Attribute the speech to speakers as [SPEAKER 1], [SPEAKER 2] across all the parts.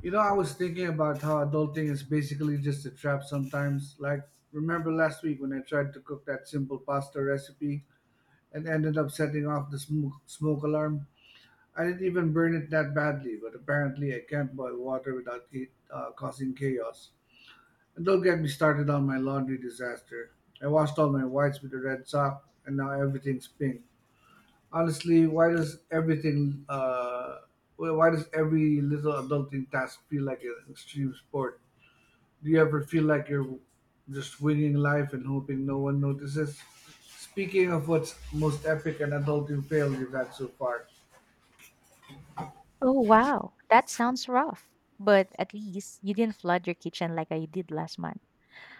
[SPEAKER 1] You know, I was thinking about how adulting is basically just a trap sometimes. Like, remember last week when I tried to cook that simple pasta recipe and ended up setting off the smoke alarm? I didn't even burn it that badly, but apparently I can't boil water without causing chaos. And don't get me started on my laundry disaster. I washed all my whites with a red sock, and now everything's pink. Honestly, why does every little adulting task feel like an extreme sport? Do you ever feel like you're just winging life and hoping no one notices? Speaking of what's most epic and adulting fail you've had so far.
[SPEAKER 2] Oh, wow. That sounds rough. But at least you didn't flood your kitchen like I did last month.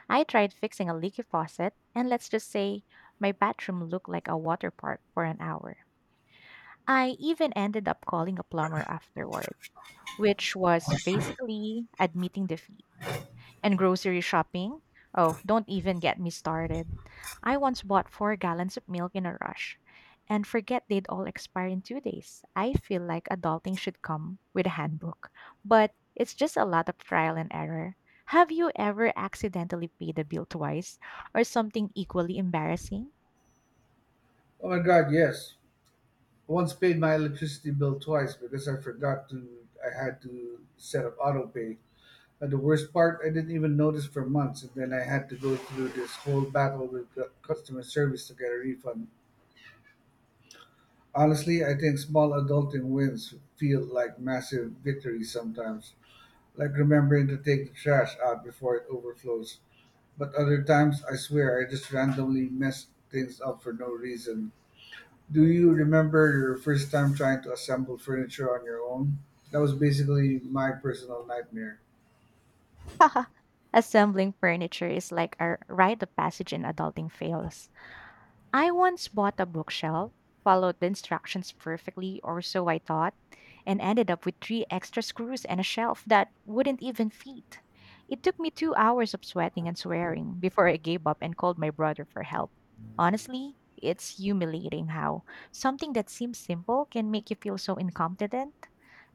[SPEAKER 2] I tried fixing a leaky faucet, and let's just say my bathroom looked like a water park for an hour. I even ended up calling a plumber afterward, which was basically admitting defeat. And grocery shopping? Oh, don't even get me started. I once bought four gallons of milk in a rush and forget they'd all expire in two days. I feel like adulting should come with a handbook, but it's just a lot of trial and error. Have you ever accidentally paid a bill twice or something equally embarrassing?
[SPEAKER 1] Oh my god, yes. I once paid my electricity bill twice because I had to set up auto pay. And the worst part, I didn't even notice for months, and then I had to go through this whole battle with customer service to get a refund. Honestly, I think small adulting wins feel like massive victories sometimes. Like remembering to take the trash out before it overflows. But other times, I swear, I just randomly mess things up for no reason. Do you remember your first time trying to assemble furniture on your own? That was basically my personal nightmare.
[SPEAKER 2] Assembling furniture is like a rite of passage in adulting fails. I once bought a bookshelf, followed the instructions perfectly, or so I thought, and ended up with three extra screws and a shelf that wouldn't even fit. It took me two hours of sweating and swearing before I gave up and called my brother for help. Honestly, it's humiliating how something that seems simple can make you feel so incompetent.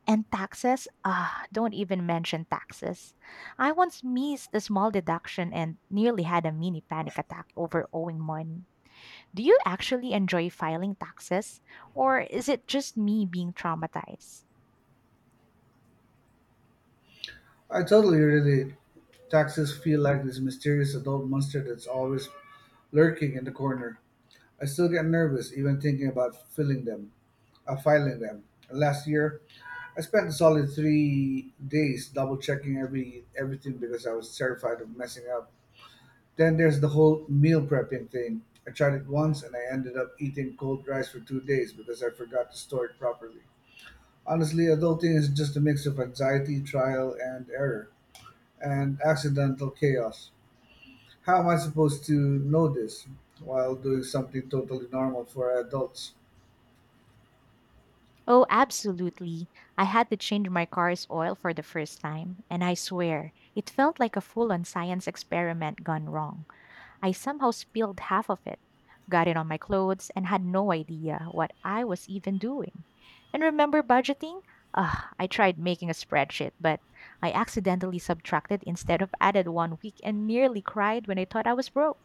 [SPEAKER 2] And taxes? Ah, don't even mention taxes. I once missed a small deduction and nearly had a mini panic attack over owing money. Do you actually enjoy filing taxes, or is it just me being traumatized?
[SPEAKER 1] I totally relate. Taxes feel like this mysterious adult monster that's always lurking in the corner. I still get nervous even thinking about filing them. Last year, I spent a solid 3 days double checking everything because I was terrified of messing up. Then there's the whole meal prepping thing. I tried it once and I ended up eating cold rice for 2 days because I forgot to store it properly. Honestly, adulting is just a mix of anxiety, trial and error, and accidental chaos. How am I supposed to know this while doing something totally normal for adults?
[SPEAKER 2] Oh, absolutely. I had to change my car's oil for the first time, and I swear, it felt like a full on science experiment gone wrong. I somehow spilled half of it, got it on my clothes, and had no idea what I was even doing. And remember budgeting? Ugh, I tried making a spreadsheet, but I accidentally subtracted instead of added one week and nearly cried when I thought I was broke.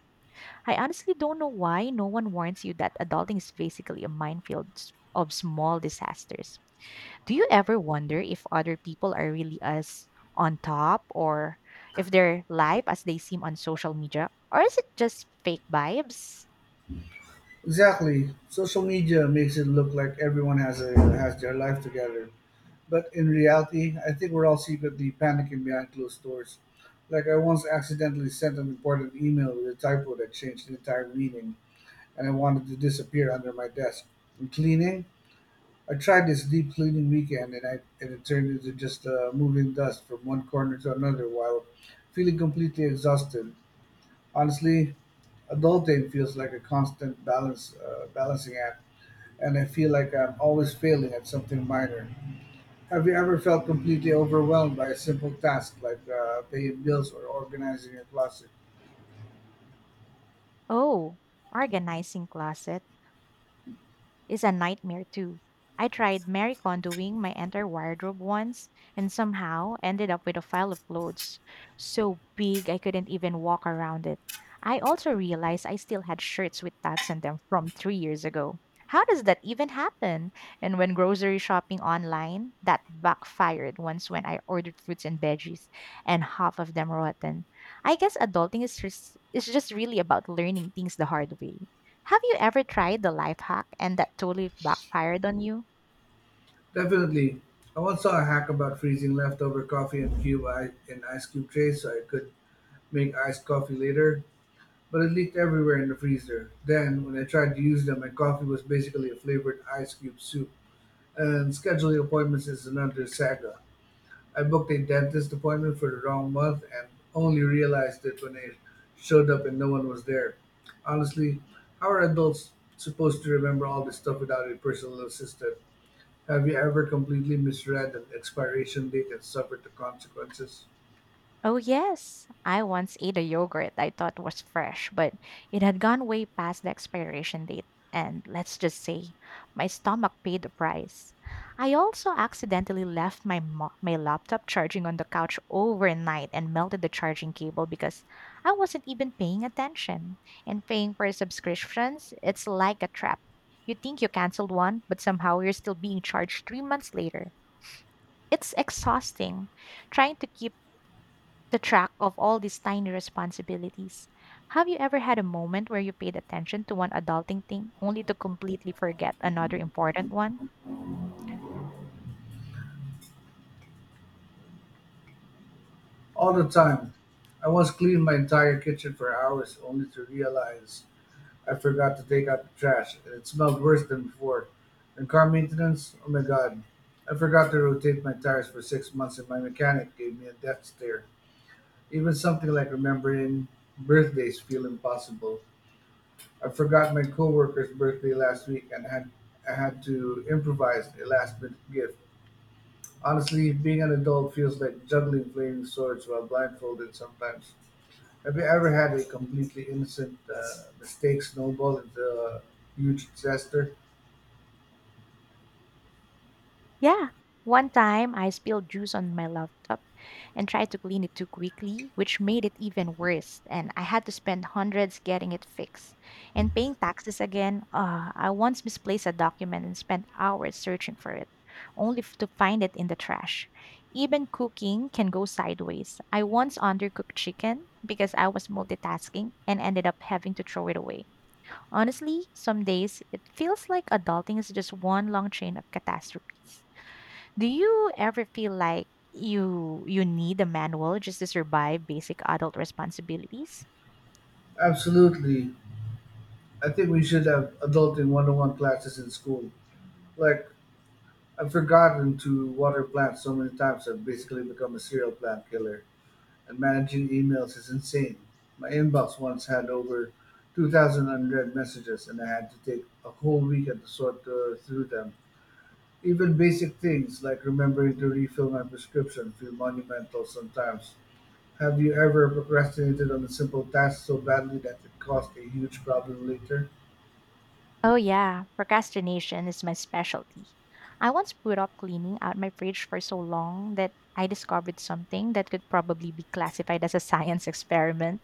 [SPEAKER 2] I honestly don't know why no one warns you that adulting is basically a minefield of small disasters. Do you ever wonder if other people are really as on top or if they're live as they seem on social media? Or is it just fake vibes?
[SPEAKER 1] Exactly. Social media makes it look like everyone has their life together. But in reality, I think we're all secretly panicking behind closed doors. Like, I once accidentally sent an important email with a typo that changed the entire meaning, and I wanted to disappear under my desk. And cleaning? I tried this deep cleaning weekend, and it turned into just moving dust from one corner to another while feeling completely exhausted. Honestly, adulting feels like a constant balance balancing act, and I feel like I'm always failing at something minor. Have you ever felt completely overwhelmed by a simple task like paying bills or organizing your closet?
[SPEAKER 2] Oh, organizing closet is a nightmare too. I tried Mary Kondoing my entire wardrobe once and somehow ended up with a pile of clothes so big I couldn't even walk around it. I also realized I still had shirts with tags on them from three years ago. How does that even happen? And when grocery shopping online, that backfired once when I ordered fruits and veggies and half of them rotten. I guess adulting is just really about learning things the hard way. Have you ever tried the life hack and that totally backfired on you?
[SPEAKER 1] Definitely. I once saw a hack about freezing leftover coffee in in ice cube trays so I could make iced coffee later, but it leaked everywhere in the freezer. Then, when I tried to use them, my coffee was basically a flavored ice cube soup. And scheduling appointments is another saga. I booked a dentist appointment for the wrong month and only realized it when I showed up and no one was there. Honestly, how are adults supposed to remember all this stuff without a personal assistant? Have you ever completely misread an expiration date and suffered the consequences?
[SPEAKER 2] Oh, yes. I once ate a yogurt I thought was fresh, but it had gone way past the expiration date. And let's just say, my stomach paid the price. I also accidentally left my laptop charging on the couch overnight and melted the charging cable because I wasn't even paying attention. And paying for subscriptions, it's like a trap. You think you canceled one, but somehow you're still being charged three months later. It's exhausting trying to keep the track of all these tiny responsibilities. Have you ever had a moment where you paid attention to one adulting thing only to completely forget another important one?
[SPEAKER 1] All the time. I once cleaned my entire kitchen for hours only to realize I forgot to take out the trash, and it smelled worse than before. And car maintenance? Oh my god. I forgot to rotate my tires for 6 months, and my mechanic gave me a death stare. Even something like remembering birthdays feel impossible. I forgot my coworker's birthday last week, and had I had to improvise a last-minute gift. Honestly, being an adult feels like juggling flaming swords while blindfolded sometimes. Have you ever had a completely innocent mistake snowball into a huge disaster?
[SPEAKER 2] Yeah. One time I spilled juice on my laptop and tried to clean it too quickly, which made it even worse. And I had to spend hundreds getting it fixed and paying taxes again. I once misplaced a document and spent hours searching for it, to find it in the trash. Even cooking can go sideways. I once undercooked chicken because I was multitasking and ended up having to throw it away. Honestly, some days it feels like adulting is just one long chain of catastrophes. Do you ever feel like you need a manual just to survive basic adult responsibilities?
[SPEAKER 1] Absolutely. I think we should have adulting 101 classes in school. Like, I've forgotten to water plants so many times I've basically become a serial plant killer, and managing emails is insane. My inbox once had over 2,000 unread messages, and I had to take a whole weekend to sort through them. Even basic things like remembering to refill my prescription feel monumental sometimes. Have you ever procrastinated on a simple task so badly that it caused a huge problem later?
[SPEAKER 2] Oh yeah, procrastination is my specialty. I once put off cleaning out my fridge for so long that I discovered something that could probably be classified as a science experiment.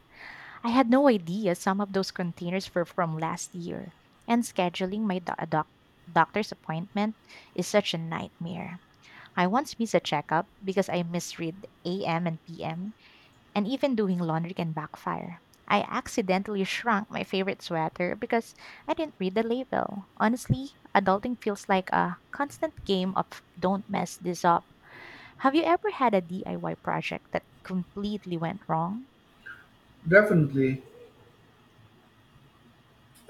[SPEAKER 2] I had no idea some of those containers were from last year, and scheduling doctor's appointment is such a nightmare. I once missed a checkup because I misread AM and PM. And even doing laundry can backfire. I accidentally shrunk my favorite sweater because I didn't read the label. Honestly, adulting feels like a constant game of don't mess this up. Have you ever had a DIY project that completely went wrong?
[SPEAKER 1] Definitely.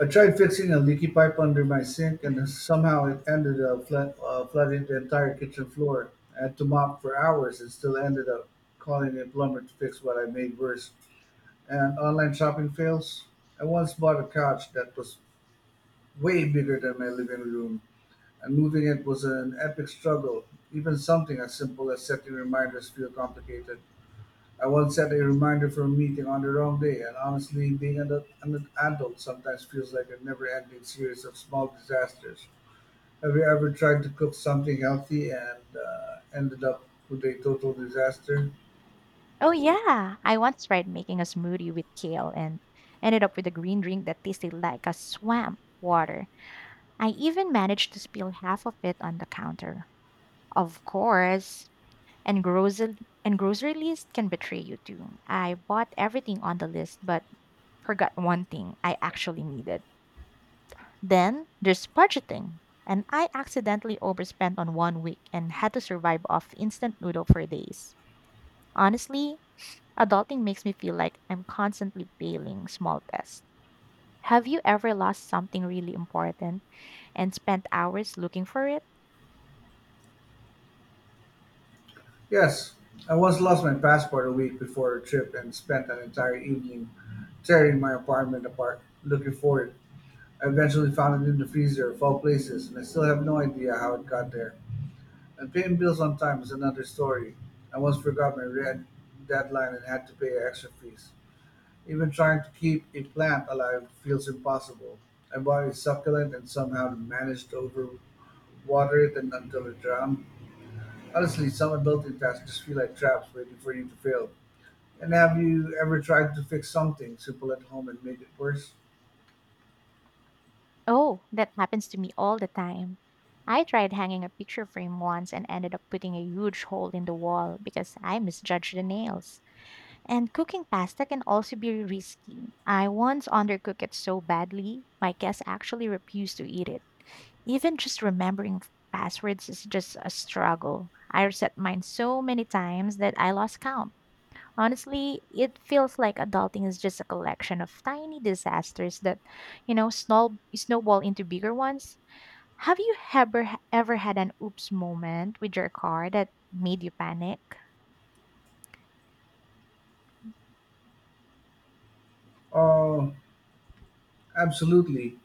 [SPEAKER 1] I tried fixing a leaky pipe under my sink and somehow it ended up flooding the entire kitchen floor. I had to mop for hours and still ended up calling a plumber to fix what I made worse. And online shopping fails. I once bought a couch that was way bigger than my living room, and moving it was an epic struggle. Even something as simple as setting reminders feel complicated. I once set a reminder for a meeting on the wrong day, and honestly, an adult sometimes feels like a never ending series of small disasters. Have you ever tried to cook something healthy and ended up with a total disaster?
[SPEAKER 2] Oh yeah, I once tried making a smoothie with kale and ended up with a green drink that tasted like a swamp water. I even managed to spill half of it on the counter. Of course, And grocery and grocery list can betray you too. I bought everything on the list but forgot one thing I actually needed. Then there's budgeting. And I accidentally overspent on one week and had to survive off instant noodle for days. Honestly, adulting makes me feel like I'm constantly failing small tests. Have you ever lost something really important and spent hours looking for it?
[SPEAKER 1] Yes, I once lost my passport a week before a trip and spent an entire evening tearing my apartment apart looking for it. I eventually found it in the freezer of all places, and I still have no idea how it got there. And paying bills on time is another story. I once forgot my rent deadline and had to pay extra fees. Even trying to keep a plant alive feels impossible. I bought a succulent and somehow managed to overwater it and until it drowned. Honestly, some adulting tasks just feel like traps waiting for you to fail. And have you ever tried to fix something simple at home and made it worse?
[SPEAKER 2] Oh, that happens to me all the time. I tried hanging a picture frame once and ended up putting a huge hole in the wall because I misjudged the nails. And cooking pasta can also be risky. I once undercooked it so badly, my guests actually refused to eat it. Even just remembering passwords is just a struggle. I reset mine so many times that I lost count. Honestly, it feels like adulting is just a collection of tiny disasters that, you know, snowball into bigger ones. Have you ever had an oops moment with your car that made you panic?
[SPEAKER 1] Oh, absolutely.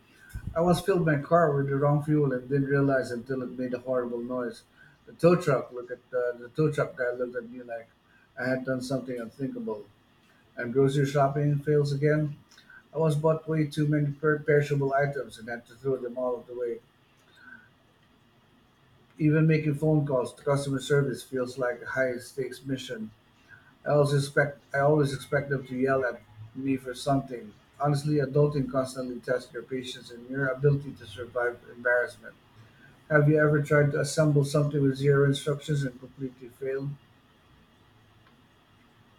[SPEAKER 1] I once filled my car with the wrong fuel and didn't realize until it made a horrible noise. The tow truck guy looked at me like I had done something unthinkable. And grocery shopping fails again. I once bought way too many perishable items and had to throw them all away. Even making phone calls to customer service feels like a high stakes mission. I always expect them to yell at me for something. Honestly, adulting constantly tests your patience and your ability to survive embarrassment. Have you ever tried to assemble something with zero instructions and completely failed?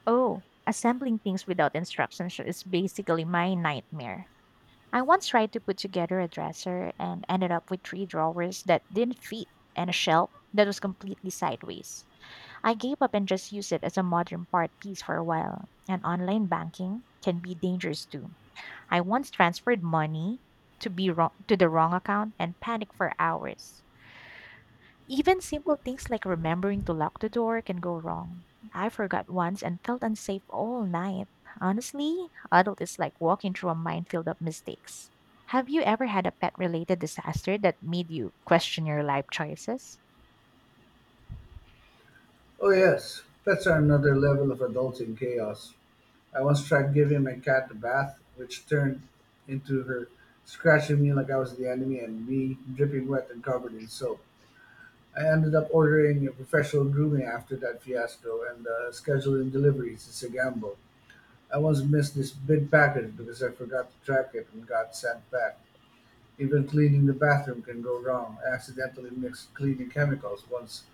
[SPEAKER 2] Oh, assembling things without instructions is basically my nightmare. I once tried to put together a dresser and ended up with three drawers that didn't fit and a shelf that was completely sideways. I gave up and just used it as a modern art piece for a while. And online banking can be dangerous too. I once transferred money to the wrong account and panicked for hours. Even simple things like remembering to lock the door can go wrong. I forgot once and felt unsafe all night. Honestly, adult is like walking through a minefield of mistakes. Have you ever had a pet related disaster that made you question your life choices?
[SPEAKER 1] Oh, yes. Pets are another level of adulting chaos. I once tried giving my cat a bath, which turned into her scratching me like I was the enemy and me dripping wet and covered in soap. I ended up ordering a professional grooming after that fiasco, and scheduling deliveries is a gamble. I once missed this big package because I forgot to track it and got sent back. Even cleaning the bathroom can go wrong. I accidentally mixed cleaning chemicals once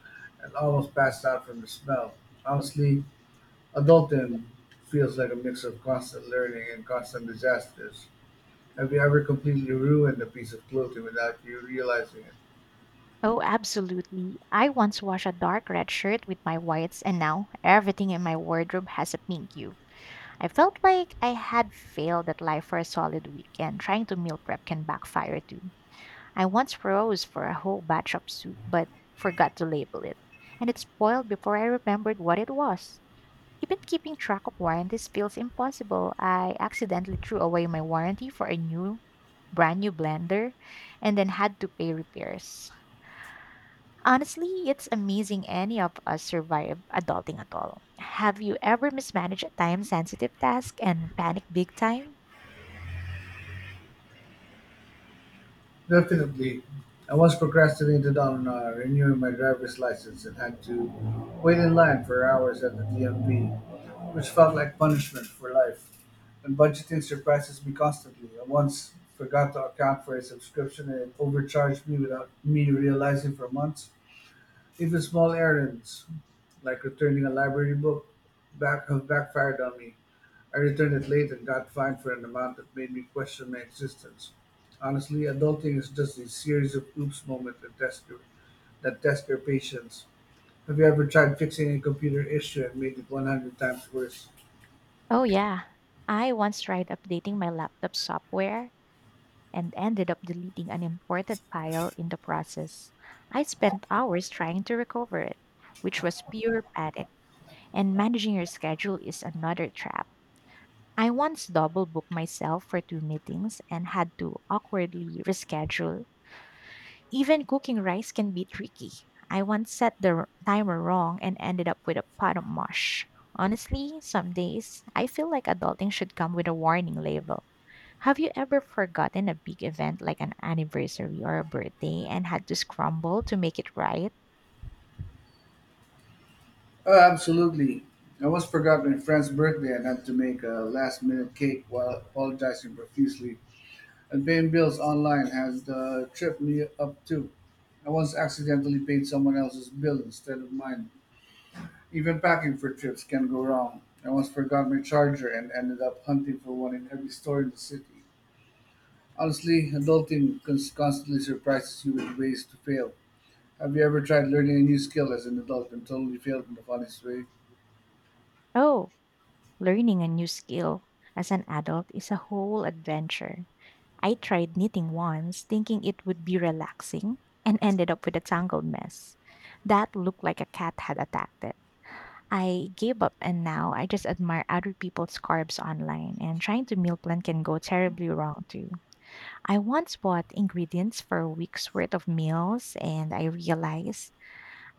[SPEAKER 1] and almost passed out from the smell. Honestly, adulting feels like a mix of constant learning and constant disasters. Have you ever completely ruined a piece of clothing without you realizing it?
[SPEAKER 2] Oh, absolutely. I once washed a dark red shirt with my whites, and now everything in my wardrobe has a pink hue. I felt like I had failed at life for a solid week, and trying to meal prep can backfire too. I once froze for a whole batch of soup, but forgot to label it, and it spoiled before I remembered what it was. Even keeping track of warranties feels impossible. I accidentally threw away my warranty for brand new blender, and then had to pay repairs. Honestly, it's amazing any of us survive adulting at all. Have you ever mismanaged a time sensitive task and panicked big time?
[SPEAKER 1] Definitely. I once procrastinated on renewing my driver's license and had to wait in line for hours at the DMV, which felt like punishment for life. And budgeting surprises me constantly. I once forgot to account for a subscription and it overcharged me without me realizing for months. Even small errands, like returning a library book, back have backfired on me. I returned it late and got fined for an amount that made me question my existence. Honestly, adulting is just a series of oops moments that that test your patience. Have you ever tried fixing a computer issue and made it 100 times worse?
[SPEAKER 2] Oh, yeah. I once tried updating my laptop software and ended up deleting an important file in the process. I spent hours trying to recover it, which was pure panic. And managing your schedule is another trap. I once double booked myself for two meetings and had to awkwardly reschedule. Even cooking rice can be tricky. I once set the timer wrong and ended up with a pot of mush. Honestly, some days I feel like adulting should come with a warning label. Have you ever forgotten a big event like an anniversary or a birthday and had to scramble to make it right?
[SPEAKER 1] Oh, absolutely. I once forgot my friend's birthday and had to make a last minute cake while apologizing profusely. And paying bills online has tripped me up too. I once accidentally paid someone else's bill instead of mine. Even packing for trips can go wrong. I once forgot my charger and ended up hunting for one in every store in the city. Honestly, adulting constantly surprises you with ways to fail. Have you ever tried learning a new skill as an adult and totally failed in the funniest way?
[SPEAKER 2] Oh, learning a new skill as an adult is a whole adventure. I tried knitting once, thinking it would be relaxing, and ended up with a tangled mess that looked like a cat had attacked it. I gave up and now I just admire other people's carbs online, and trying to meal plan can go terribly wrong too. I once bought ingredients for a week's worth of meals and I realized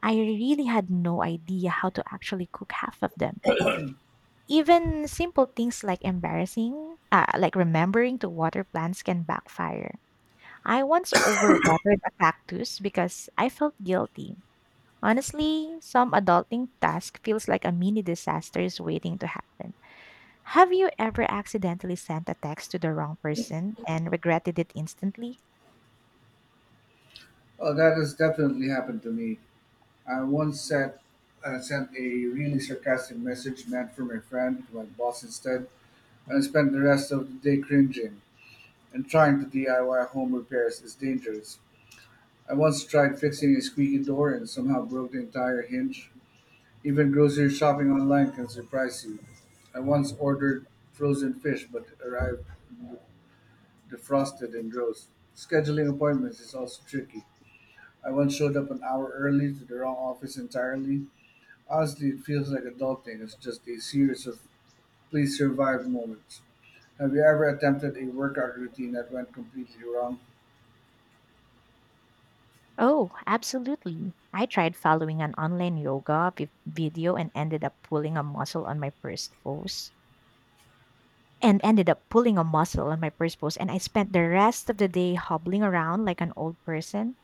[SPEAKER 2] I really had no idea how to actually cook half of them. Even simple things like like remembering to water plants can backfire. I once overwatered a cactus because I felt guilty. Honestly, some adulting task feels like a mini disaster is waiting to happen. Have you ever accidentally sent a text to the wrong person and regretted it instantly?
[SPEAKER 1] Oh, that has definitely happened to me. I once sent a really sarcastic message meant for my friend to my boss instead, and I spent the rest of the day cringing. And trying to DIY home repairs is dangerous. I once tried fixing a squeaky door and somehow broke the entire hinge. Even grocery shopping online can surprise you. I once ordered frozen fish but it arrived defrosted and gross. Scheduling appointments is also tricky. I once showed up an hour early to the wrong office entirely. Honestly, it feels like adulting is just a series of please survive moments. Have you ever attempted a workout routine that went completely wrong?
[SPEAKER 2] Oh, absolutely. I tried following an online yoga video and ended up pulling a muscle on my first pose. And ended up pulling a muscle on my first pose, and I spent the rest of the day hobbling around like an old person.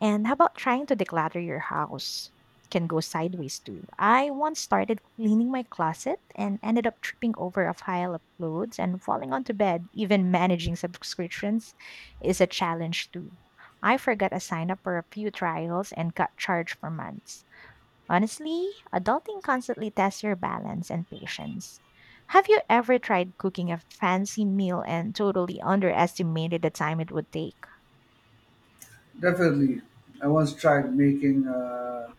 [SPEAKER 2] And how about trying to declutter your house? Can go sideways too. I once started cleaning my closet and ended up tripping over a pile of clothes and falling onto bed. Even managing subscriptions is a challenge too. I forgot to sign up for a few trials and got charged for months. Honestly, adulting constantly tests your balance and patience. Have you ever tried cooking a fancy meal and totally underestimated the time it would take?
[SPEAKER 1] Definitely. I once tried making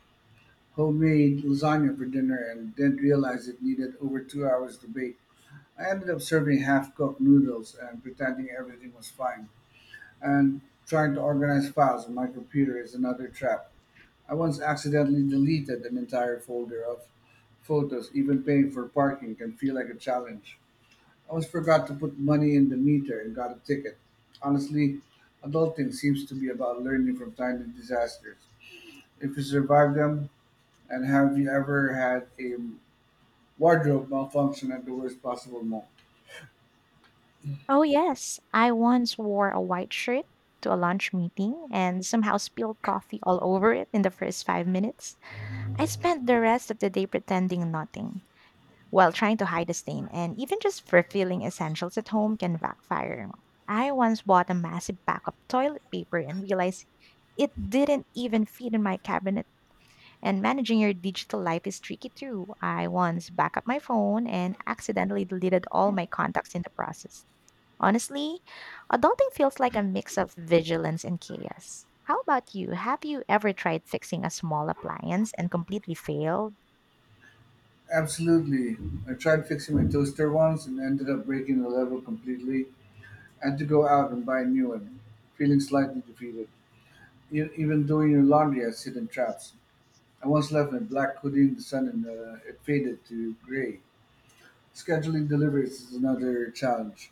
[SPEAKER 1] homemade lasagna for dinner and then realized it needed over 2 hours to bake. I ended up serving half cooked noodles and pretending everything was fine. And trying to organize files on my computer is another trap. I once accidentally deleted an entire folder of photos. Even paying for parking can feel like a challenge. I almost forgot to put money in the meter and got a ticket. Honestly, adulting seems to be about learning from tiny disasters if you survive them. And have you ever had a wardrobe malfunction at the worst possible moment?
[SPEAKER 2] Oh, yes. I once wore a white shirt to a lunch meeting and somehow spilled coffee all over it in the first 5 minutes. I spent the rest of the day pretending nothing while trying to hide the stain, and even just fulfilling essentials at home can backfire. I once bought a massive pack of toilet paper and realized it didn't even fit in my cabinet. And managing your digital life is tricky too. I once backed up my phone and accidentally deleted all my contacts in the process. Honestly, adulting feels like a mix of vigilance and chaos. How about you? Have you ever tried fixing a small appliance and completely failed?
[SPEAKER 1] Absolutely. I tried fixing my toaster once and ended up breaking the level completely. I had to go out and buy a new one, feeling slightly defeated. Even doing your laundry has hidden traps. I once left my black hoodie in the sun and it faded to gray. Scheduling deliveries is another challenge.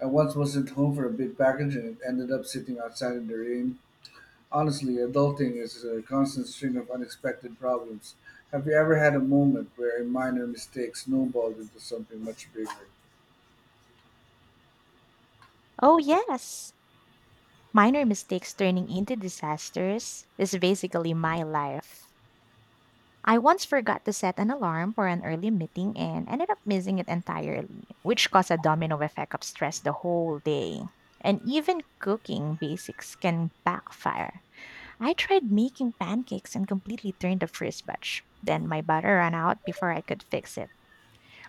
[SPEAKER 1] I once wasn't home for a big package and it ended up sitting outside in the rain. Honestly, adulting is a constant string of unexpected problems. Have you ever had a moment where a minor mistake snowballed into something much bigger?
[SPEAKER 2] Oh, yes. Minor mistakes turning into disasters is basically my life. I once forgot to set an alarm for an early meeting and ended up missing it entirely, which caused a domino effect of stress the whole day. And even cooking basics can backfire. I tried making pancakes and completely turned the first batch. Then my butter ran out before I could fix it.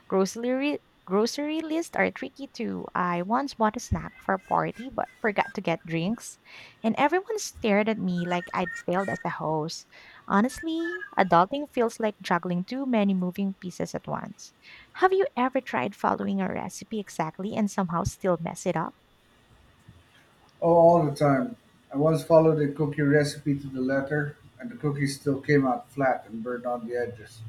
[SPEAKER 2] Grocery grocery lists are tricky too. I once bought a snack for a party but forgot to get drinks, and everyone stared at me like I'd failed as a host. Honestly, adulting feels like juggling too many moving pieces at once. Have you ever tried following a recipe exactly and somehow still mess it up?
[SPEAKER 1] Oh, all the time. I once followed a cookie recipe to the letter, and the cookies still came out flat and burned on the edges.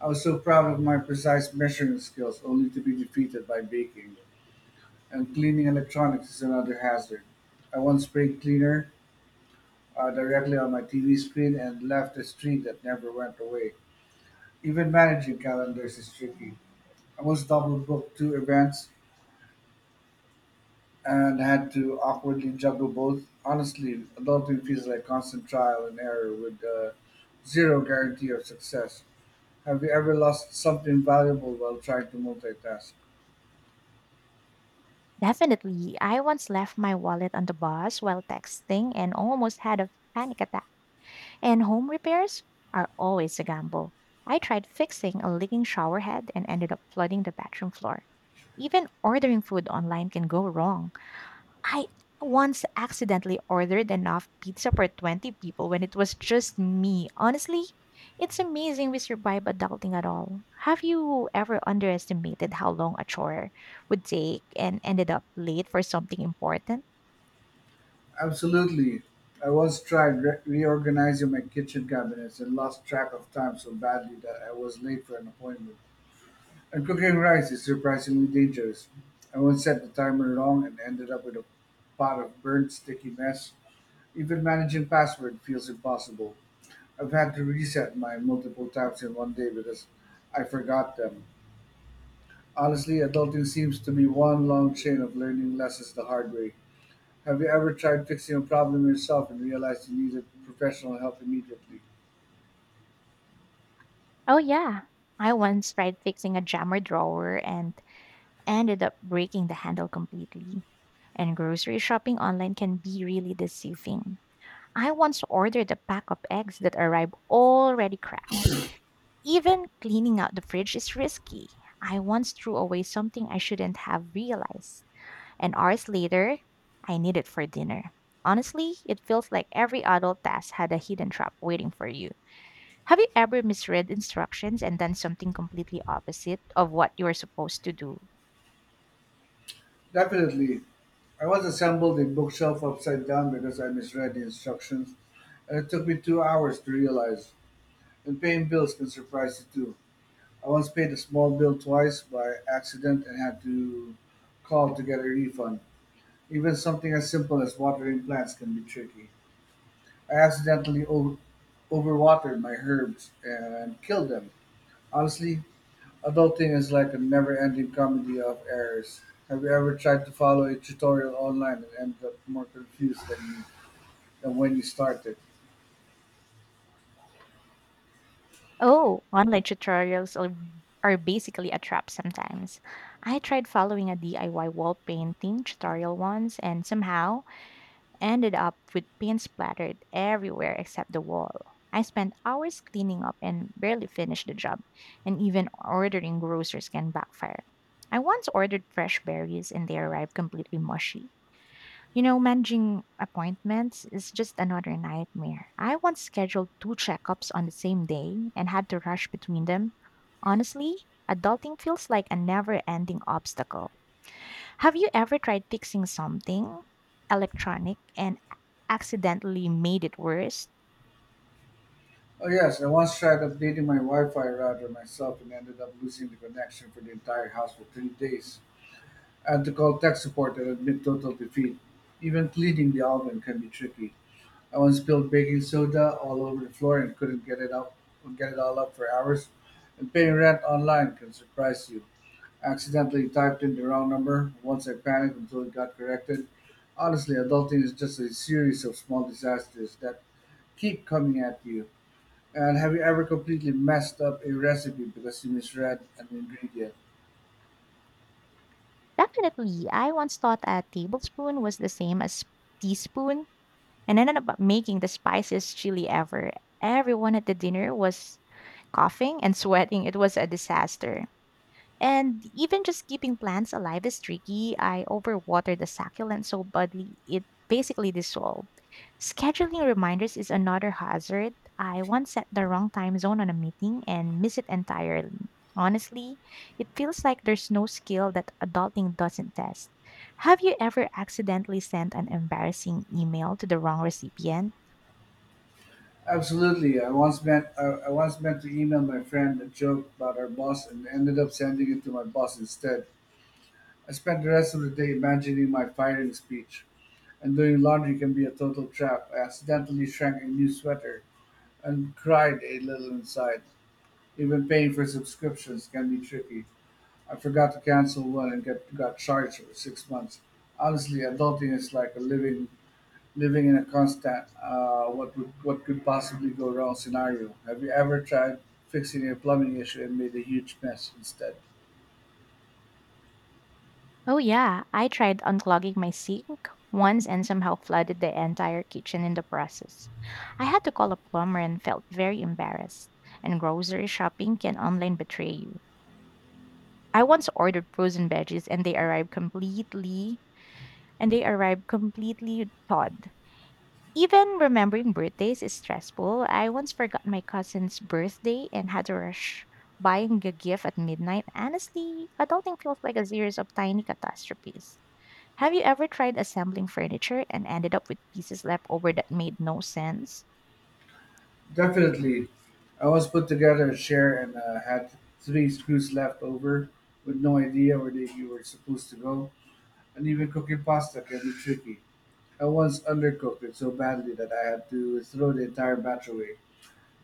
[SPEAKER 1] I was so proud of my precise measuring skills, only to be defeated by baking. And cleaning electronics is another hazard. I once sprayed cleaner directly on my TV screen and left a streak that never went away. Even managing calendars is tricky. I was double booked two events and had to awkwardly juggle both. Honestly, adulting feels like constant trial and error with zero guarantee of success. Have you ever lost something valuable while trying to multitask?
[SPEAKER 2] Definitely. I once left my wallet on the bus while texting and almost had a panic attack. And home repairs are always a gamble. I tried fixing a leaking shower head and ended up flooding the bathroom floor. Even ordering food online can go wrong. I once accidentally ordered enough pizza for 20 people when it was just me. Honestly, it's amazing we survive adulting at all. Have you ever underestimated how long a chore would take and ended up late for something important?
[SPEAKER 1] Absolutely. I once tried reorganizing my kitchen cabinets and lost track of time so badly that I was late for an appointment. And cooking rice is surprisingly dangerous. I once set the timer wrong and ended up with a pot of burnt, sticky mess. Even managing password feels impossible. I've had to reset mine multiple times in one day because I forgot them. Honestly, adulting seems to be one long chain of learning lessons the hard way. Have you ever tried fixing a problem yourself and realized you needed professional help immediately?
[SPEAKER 2] Oh, yeah. I once tried fixing a jammer drawer and ended up breaking the handle completely. And grocery shopping online can be really deceiving. I once ordered a pack of eggs that arrived already cracked. Even cleaning out the fridge is risky. I once threw away something I shouldn't have realized, and hours later, I need it for dinner. Honestly, it feels like every adult task had a hidden trap waiting for you. Have you ever misread instructions and done something completely opposite of what you were supposed to do?
[SPEAKER 1] Definitely. I once assembled a bookshelf upside down because I misread the instructions, and it took me 2 hours to realize. And paying bills can surprise you too. I once paid a small bill twice by accident and had to call to get a refund. Even something as simple as watering plants can be tricky. I accidentally overwatered my herbs and killed them. Honestly, adulting is like a never-ending comedy of errors. Have you ever tried to follow a tutorial online and ended up more confused than when you started?
[SPEAKER 2] Oh, online tutorials are basically a trap sometimes. I tried following a DIY wall painting tutorial once, and somehow ended up with paint splattered everywhere except the wall. I spent hours cleaning up and barely finished the job, and even ordering groceries can backfire. I once ordered fresh berries and they arrived completely mushy. You know, managing appointments is just another nightmare. I once scheduled two checkups on the same day and had to rush between them. Honestly, adulting feels like a never ending obstacle. Have you ever tried fixing something electronic and accidentally made it worse?
[SPEAKER 1] Oh yes, I once tried updating my Wi-Fi router myself and ended up losing the connection for the entire house for 3 days. I had to call tech support and admit total defeat. Even cleaning the oven can be tricky. I once spilled baking soda all over the floor and couldn't get it up, get it all up for hours. And paying rent online can surprise you. Accidentally typed in the wrong number. Once I panicked until it got corrected. Honestly, adulting is just a series of small disasters that keep coming at you. And have you ever completely messed up a recipe because you misread an ingredient?
[SPEAKER 2] Definitely. I once thought a tablespoon was the same as teaspoon and ended up making the spiciest chili ever. Everyone at the dinner was coughing and sweating. It was a disaster. And even just keeping plants alive is tricky. I overwatered the succulent so badly it basically dissolved. Scheduling reminders is another hazard. I once set the wrong time zone on a meeting and miss it entirely. Honestly, it feels like there's no skill that adulting doesn't test. Have you ever accidentally sent an embarrassing email to the wrong recipient?
[SPEAKER 1] Absolutely. I once meant to email my friend a joke about our boss and ended up sending it to my boss instead. I spent the rest of the day imagining my firing speech. And doing laundry can be a total trap. I accidentally shrank a new sweater and cried a little inside. Even paying for subscriptions can be tricky. I forgot to cancel one and got charged for 6 months. Honestly, adulting is like a living in a constant what could possibly go wrong scenario. Have you ever tried fixing a plumbing issue and made a huge mess instead?
[SPEAKER 2] Oh, yeah. I tried unclogging my sink once and somehow flooded the entire kitchen in the process. I had to call a plumber and felt very embarrassed. And grocery shopping can online betray you. I once ordered frozen veggies and they arrived completely thawed. Even remembering birthdays is stressful. I once forgot my cousin's birthday and had to rush buying a gift at midnight. Honestly, adulting feels like a series of tiny catastrophes. Have you ever tried assembling furniture and ended up with pieces left over that made no sense?
[SPEAKER 1] Definitely. I once put together a chair and had three screws left over with no idea where they were supposed to go. And even cooking pasta can be tricky. I once undercooked it so badly that I had to throw the entire batch away.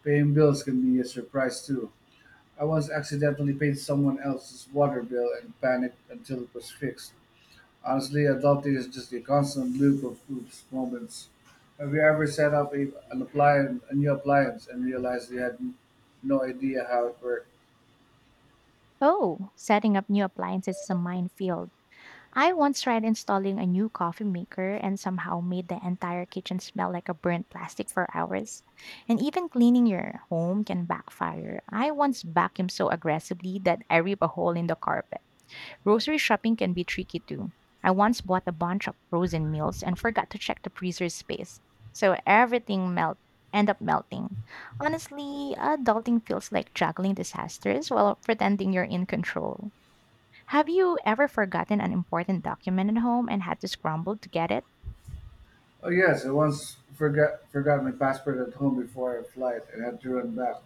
[SPEAKER 1] Paying bills can be a surprise too. I once accidentally paid someone else's water bill and panicked until it was fixed. Honestly, adulting is just a constant loop of oops moments. Have you ever set up an appliance, a new appliance, and realized you had no idea how it worked?
[SPEAKER 2] Oh, setting up new appliances is a minefield. I once tried installing a new coffee maker and somehow made the entire kitchen smell like a burnt plastic for hours. And even cleaning your home can backfire. I once vacuumed so aggressively that I ripped a hole in the carpet. Grocery shopping can be tricky too. I once bought a bunch of frozen meals and forgot to check the freezer space. So everything melt end up melting. Honestly, adulting feels like juggling disasters while pretending you're in control. Have you ever forgotten an important document at home and had to scramble to get it?
[SPEAKER 1] Oh yes, I once forgot my passport at home before a flight and had to run back,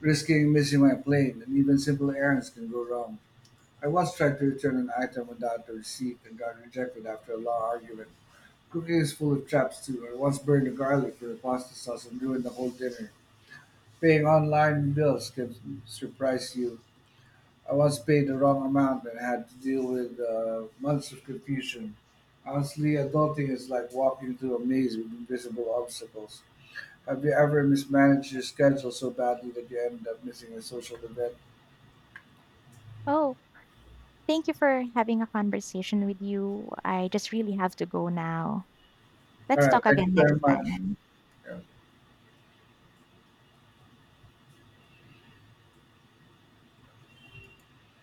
[SPEAKER 1] risking missing my plane. And even simple errands can go wrong. I once tried to return an item without the receipt and got rejected after a long argument. Cooking is full of traps too. I once burned the garlic for a pasta sauce and ruined the whole dinner. Paying online bills can surprise you. I once paid the wrong amount and had to deal with months of confusion. Honestly, adulting is like walking through a maze with invisible obstacles. Have you ever mismanaged your schedule so badly that you ended up missing a social event?
[SPEAKER 2] Oh, thank you for having a conversation with you. I just really have to go now.
[SPEAKER 1] All
[SPEAKER 2] Let's
[SPEAKER 1] right,
[SPEAKER 2] talk
[SPEAKER 1] thank you
[SPEAKER 2] again
[SPEAKER 1] very
[SPEAKER 2] next
[SPEAKER 1] much.
[SPEAKER 2] time.